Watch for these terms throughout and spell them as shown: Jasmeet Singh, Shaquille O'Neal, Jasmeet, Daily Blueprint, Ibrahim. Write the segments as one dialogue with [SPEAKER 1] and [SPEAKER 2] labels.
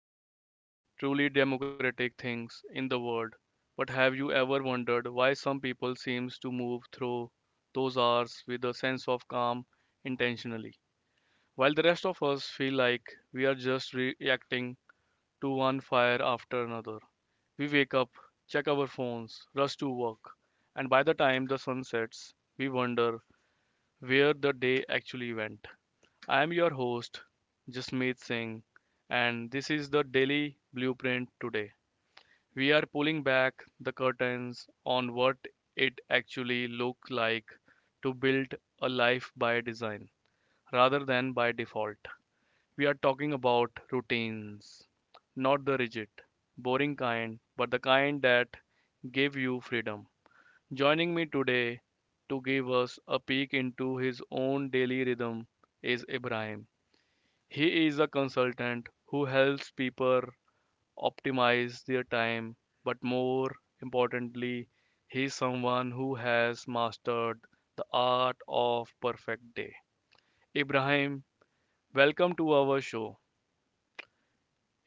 [SPEAKER 1] It's the one truly democratic things in the world. But have you ever wondered why some people seems to move through those hours with a sense of calm intentionally, while the rest of us feel like we are just reacting to one fire after another? We wake up, check our phones, rush to work, and by the time the sun sets, we wonder where the day actually went. I am your host, Jasmeet Singh, and this is the Daily Blueprint today. We are pulling back the curtains on what it actually looks like to build a life by design rather than by default. We are talking about routines, not the rigid, boring kind, but the kind that give you freedom. Joining me today to give us a peek into his own daily rhythm is Ibrahim. He is a consultant who helps people optimize their time, but more importantly, he is someone who has mastered the art of perfect day. Ibrahim, welcome to our show.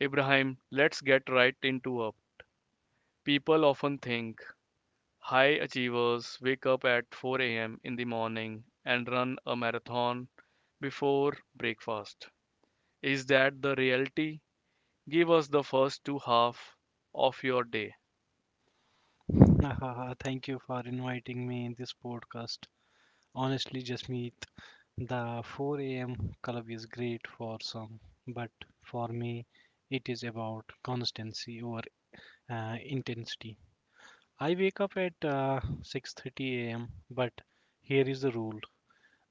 [SPEAKER 1] Ibrahim, let's get right into it. People often think high achievers wake up at 4 a.m. in the morning and run a marathon before breakfast. Is that the reality? Give us the first two half of your day.
[SPEAKER 2] Haha, thank you for inviting me in this podcast. Honestly, Jasmeet, the 4 a.m. club is great for some, but for me, it is about constancy over intensity. I wake up at 6:30 a.m., but here is the rule: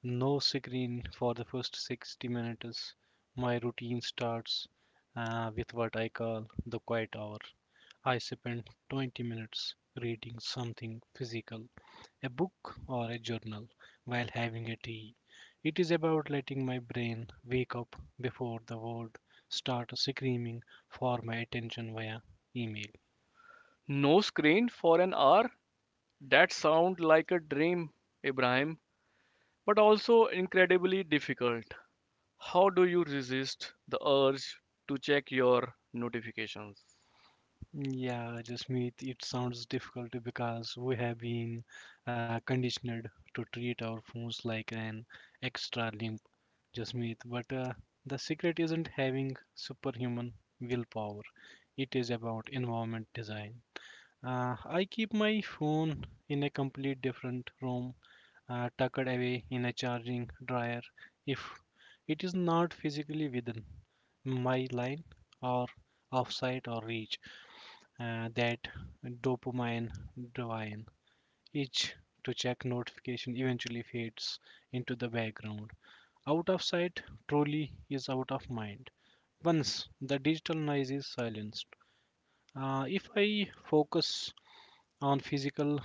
[SPEAKER 2] no screen for the first 60 minutes. My routine starts with what I call the quiet hour. I spend 20 minutes reading something physical, a book or a journal, while having a tea. It is about letting my brain wake up before the world starts screaming for my attention via email.
[SPEAKER 1] No screen for an hour? That sounds like a dream, Ibrahim, but also incredibly difficult. How do you resist the urge to check your notifications?
[SPEAKER 2] Yeah, Jasmeet, it sounds difficult because we have been conditioned to treat our phones like an extra limb, Jasmeet. But the secret isn't having superhuman willpower, it is about environment design. I keep my phone in a complete different room, tucked away in a charging dryer if it is not physically within my line or off site or reach, that dopamine divine itch to check notification eventually fades into the background. Out of sight truly is out of mind. Once the digital noise is silenced, if I focus on physical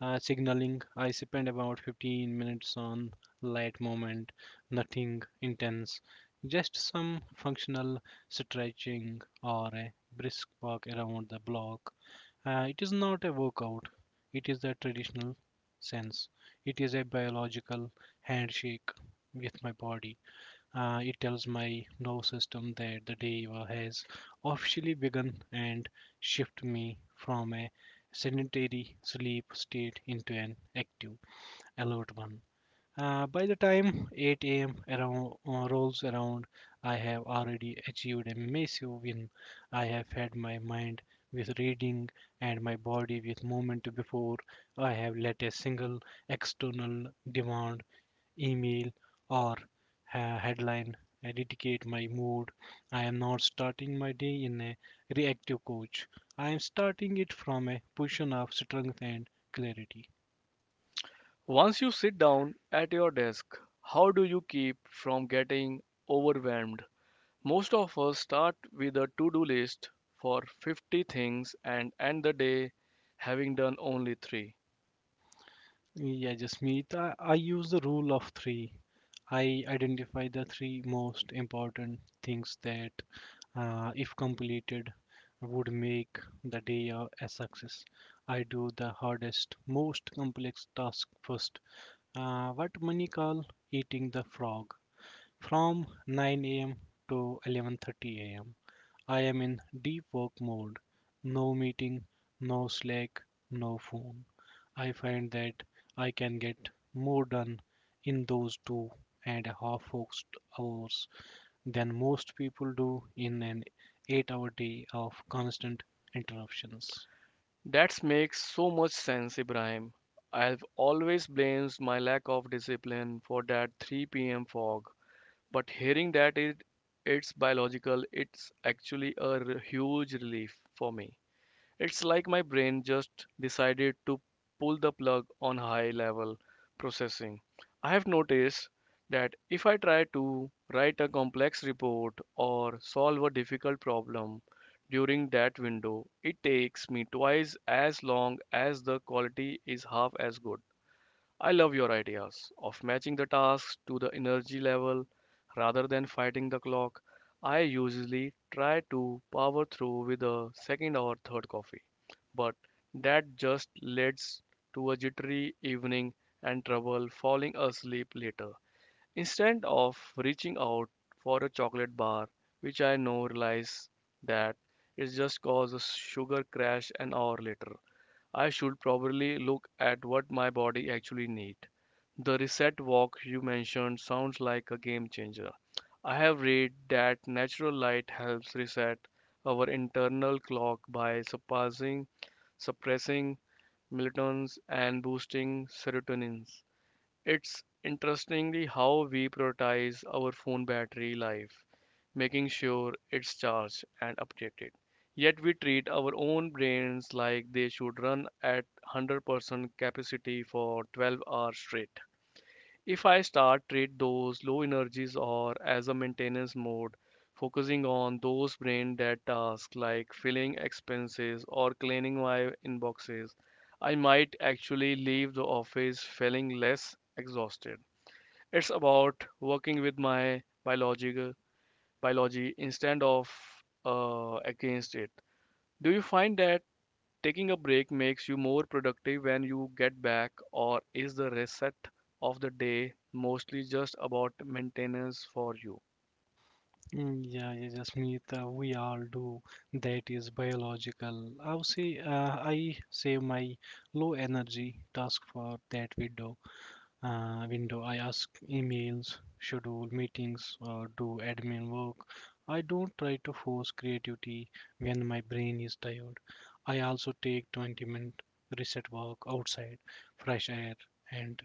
[SPEAKER 2] signaling, I spend about 15 minutes on light movement, nothing intense, just some functional stretching or a brisk walk around the block. It is not a workout, it is the traditional sense. It is a biological handshake with my body. It tells my nervous system that the day has officially begun and shift me from a sedentary sleep state into an active, alert one. By the time 8 a.m. around rolls around, I have already achieved a massive win. I have fed my mind with reading and my body with movement before I have let a single external demand, email, or headline dictate my mood. I am not starting my day in a reactive coach. I am starting it from a position of strength and clarity.
[SPEAKER 1] Once you sit down at your desk, how do you keep from getting overwhelmed? Most of us start with a to do list for 50 things and end the day having done only three.
[SPEAKER 2] Yeah, Jasmeet, I use the rule of three. I identify the three most important things that, if completed, would make the day a success. I do the hardest, most complex task first. What many call eating the frog from 9 a.m. to 11:30 a.m. I am in deep work mode. No meeting, no Slack, no phone. I find that I can get more done in those two and a half focused hours than most people do in an 8 hour day of constant interruptions.
[SPEAKER 1] That makes so much sense, Ibrahim. I've always blamed my lack of discipline for that 3 p.m. fog, but hearing that it's biological, it's actually a huge relief for me. It's like my brain just decided to pull the plug on high level processing. I have noticed that if I try to write a complex report or solve a difficult problem during that window, it takes me twice as long as the quality is half as good. I love your ideas of matching the tasks to the energy level rather than fighting the clock. I usually try to power through with a second or third coffee, but that just leads to a jittery evening and trouble falling asleep later. Instead of reaching out for a chocolate bar, which I now realize that it just caused a sugar crash an hour later. I should probably look at what my body actually needs. The reset walk you mentioned sounds like a game changer. I have read that natural light helps reset our internal clock by suppressing melatonin and boosting serotonin. It's interestingly how we prioritize our phone battery life, making sure it's charged and updated. Yet we treat our own brains like they should run at 100% capacity for 12 hours straight. If I start treat those low energies or as a maintenance mode, focusing on those brain dead tasks like filling expenses or cleaning my inboxes, I might actually leave the office feeling less exhausted. It's about working with my biological biology instead of, against it. Do you find that taking a break makes you more productive when you get back, or is the reset of the day mostly just about maintenance for you?
[SPEAKER 2] Mm, yeah, yeah, Jasmeet, we all do. That is biological. I would say I save my low energy task for that window. I ask emails, schedule meetings, or do admin work. I don't try to force creativity when my brain is tired. I also take 20-minute reset walk outside. Fresh air and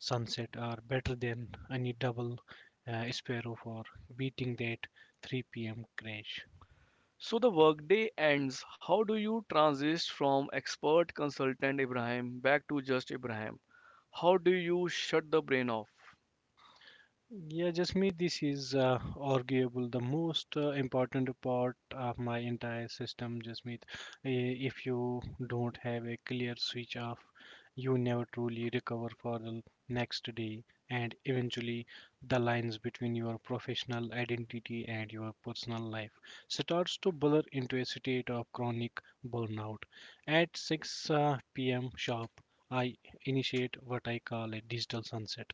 [SPEAKER 2] sunset are better than any double sparrow for beating that 3 p.m. crash.
[SPEAKER 1] So the workday ends. How do you transition from expert consultant Ibrahim back to just Ibrahim? How do you shut the brain off?
[SPEAKER 2] Yeah, Jasmeet, this is arguable the most important part of my entire system, Jasmeet. If you don't have a clear switch off, you never truly recover for the next day, and eventually the lines between your professional identity and your personal life starts to blur into a state of chronic burnout. At 6 p.m. sharp, I initiate what I call a digital sunset.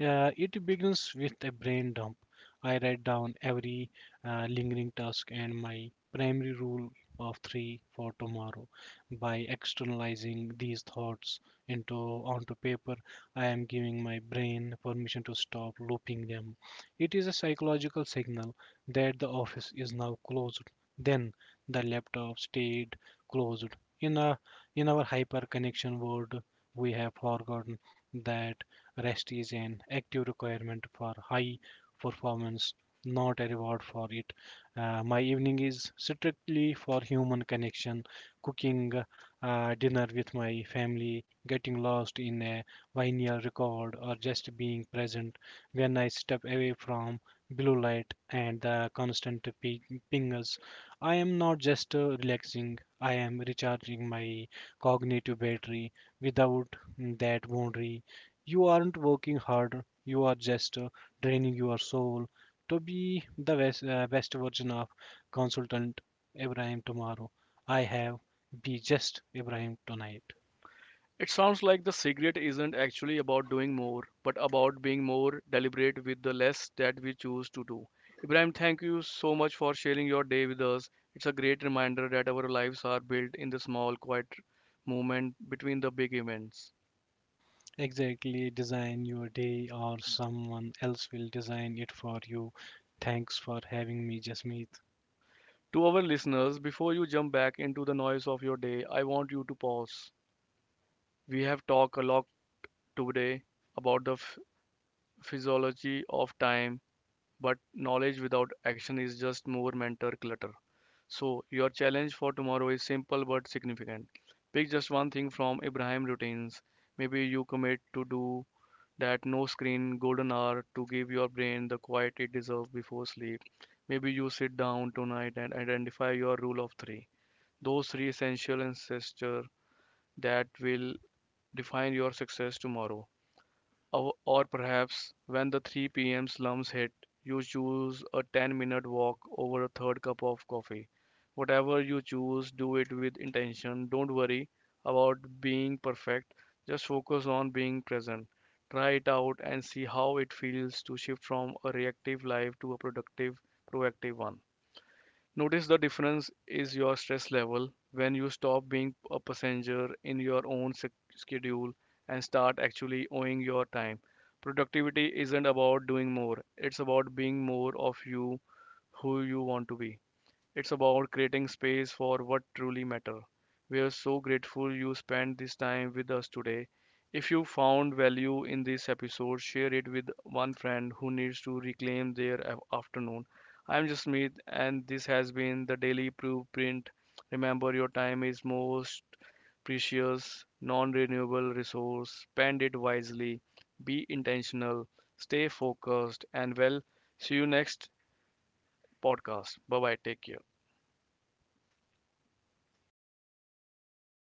[SPEAKER 2] It begins with a brain dump. I write down every lingering task and my primary rule of three for tomorrow. By externalizing these thoughts into onto paper, I am giving my brain permission to stop looping them. It is a psychological signal that the office is now closed. Then the laptop stayed closed. In a in our hyper connection world, we have forgotten that rest is an active requirement for high performance, not a reward for it. My evening is strictly for human connection, cooking dinner with my family, getting lost in a vinyl record, or just being present. When I step away from blue light and the constant ping- pingers, I am not just relaxing, I am recharging my cognitive battery. Without that boundary, you aren't working harder, you are just draining your soul to be the best version of consultant Ibrahim tomorrow. I have be just Ibrahim tonight.
[SPEAKER 1] It sounds like the secret isn't actually about doing more, but about being more deliberate with the less that we choose to do. Ibrahim, thank you so much for sharing your day with us. It's a great reminder that our lives are built in the small, quiet moment between the big events.
[SPEAKER 2] Exactly, design your day or someone else will design it for you. Thanks for having me, Jasmeet.
[SPEAKER 1] To our listeners, before you jump back into the noise of your day, I want you to pause. We have talked a lot today about the physiology of time, but knowledge without action is just more mental clutter. So, your challenge for tomorrow is simple but significant. Pick just one thing from Ibrahim routines. Maybe you commit to do that no screen golden hour to give your brain the quiet it deserves before sleep. Maybe you sit down tonight and identify your rule of three. Those three essential ancestors that will define your success tomorrow. Or perhaps when the 3 p.m. slumps hit, you choose a 10-minute walk over a third cup of coffee. Whatever you choose, do it with intention. Don't worry about being perfect, just focus on being present. Try it out and see how it feels to shift from a reactive life to a productive, proactive one. Notice the difference is your stress level when you stop being a passenger in your own schedule and start actually owning your time. Productivity isn't about doing more, it's about being more of you who you want to be. It's about creating space for what truly matter. We are so grateful you spent this time with us today. If you found value in this episode, share it with one friend who needs to reclaim their afternoon. I'm Jasmeet, and this has been the Daily Blueprint. Remember, your time is most precious, non-renewable resource. Spend it wisely. Be intentional. Stay focused, and well, see you next podcast. Bye bye. Take care.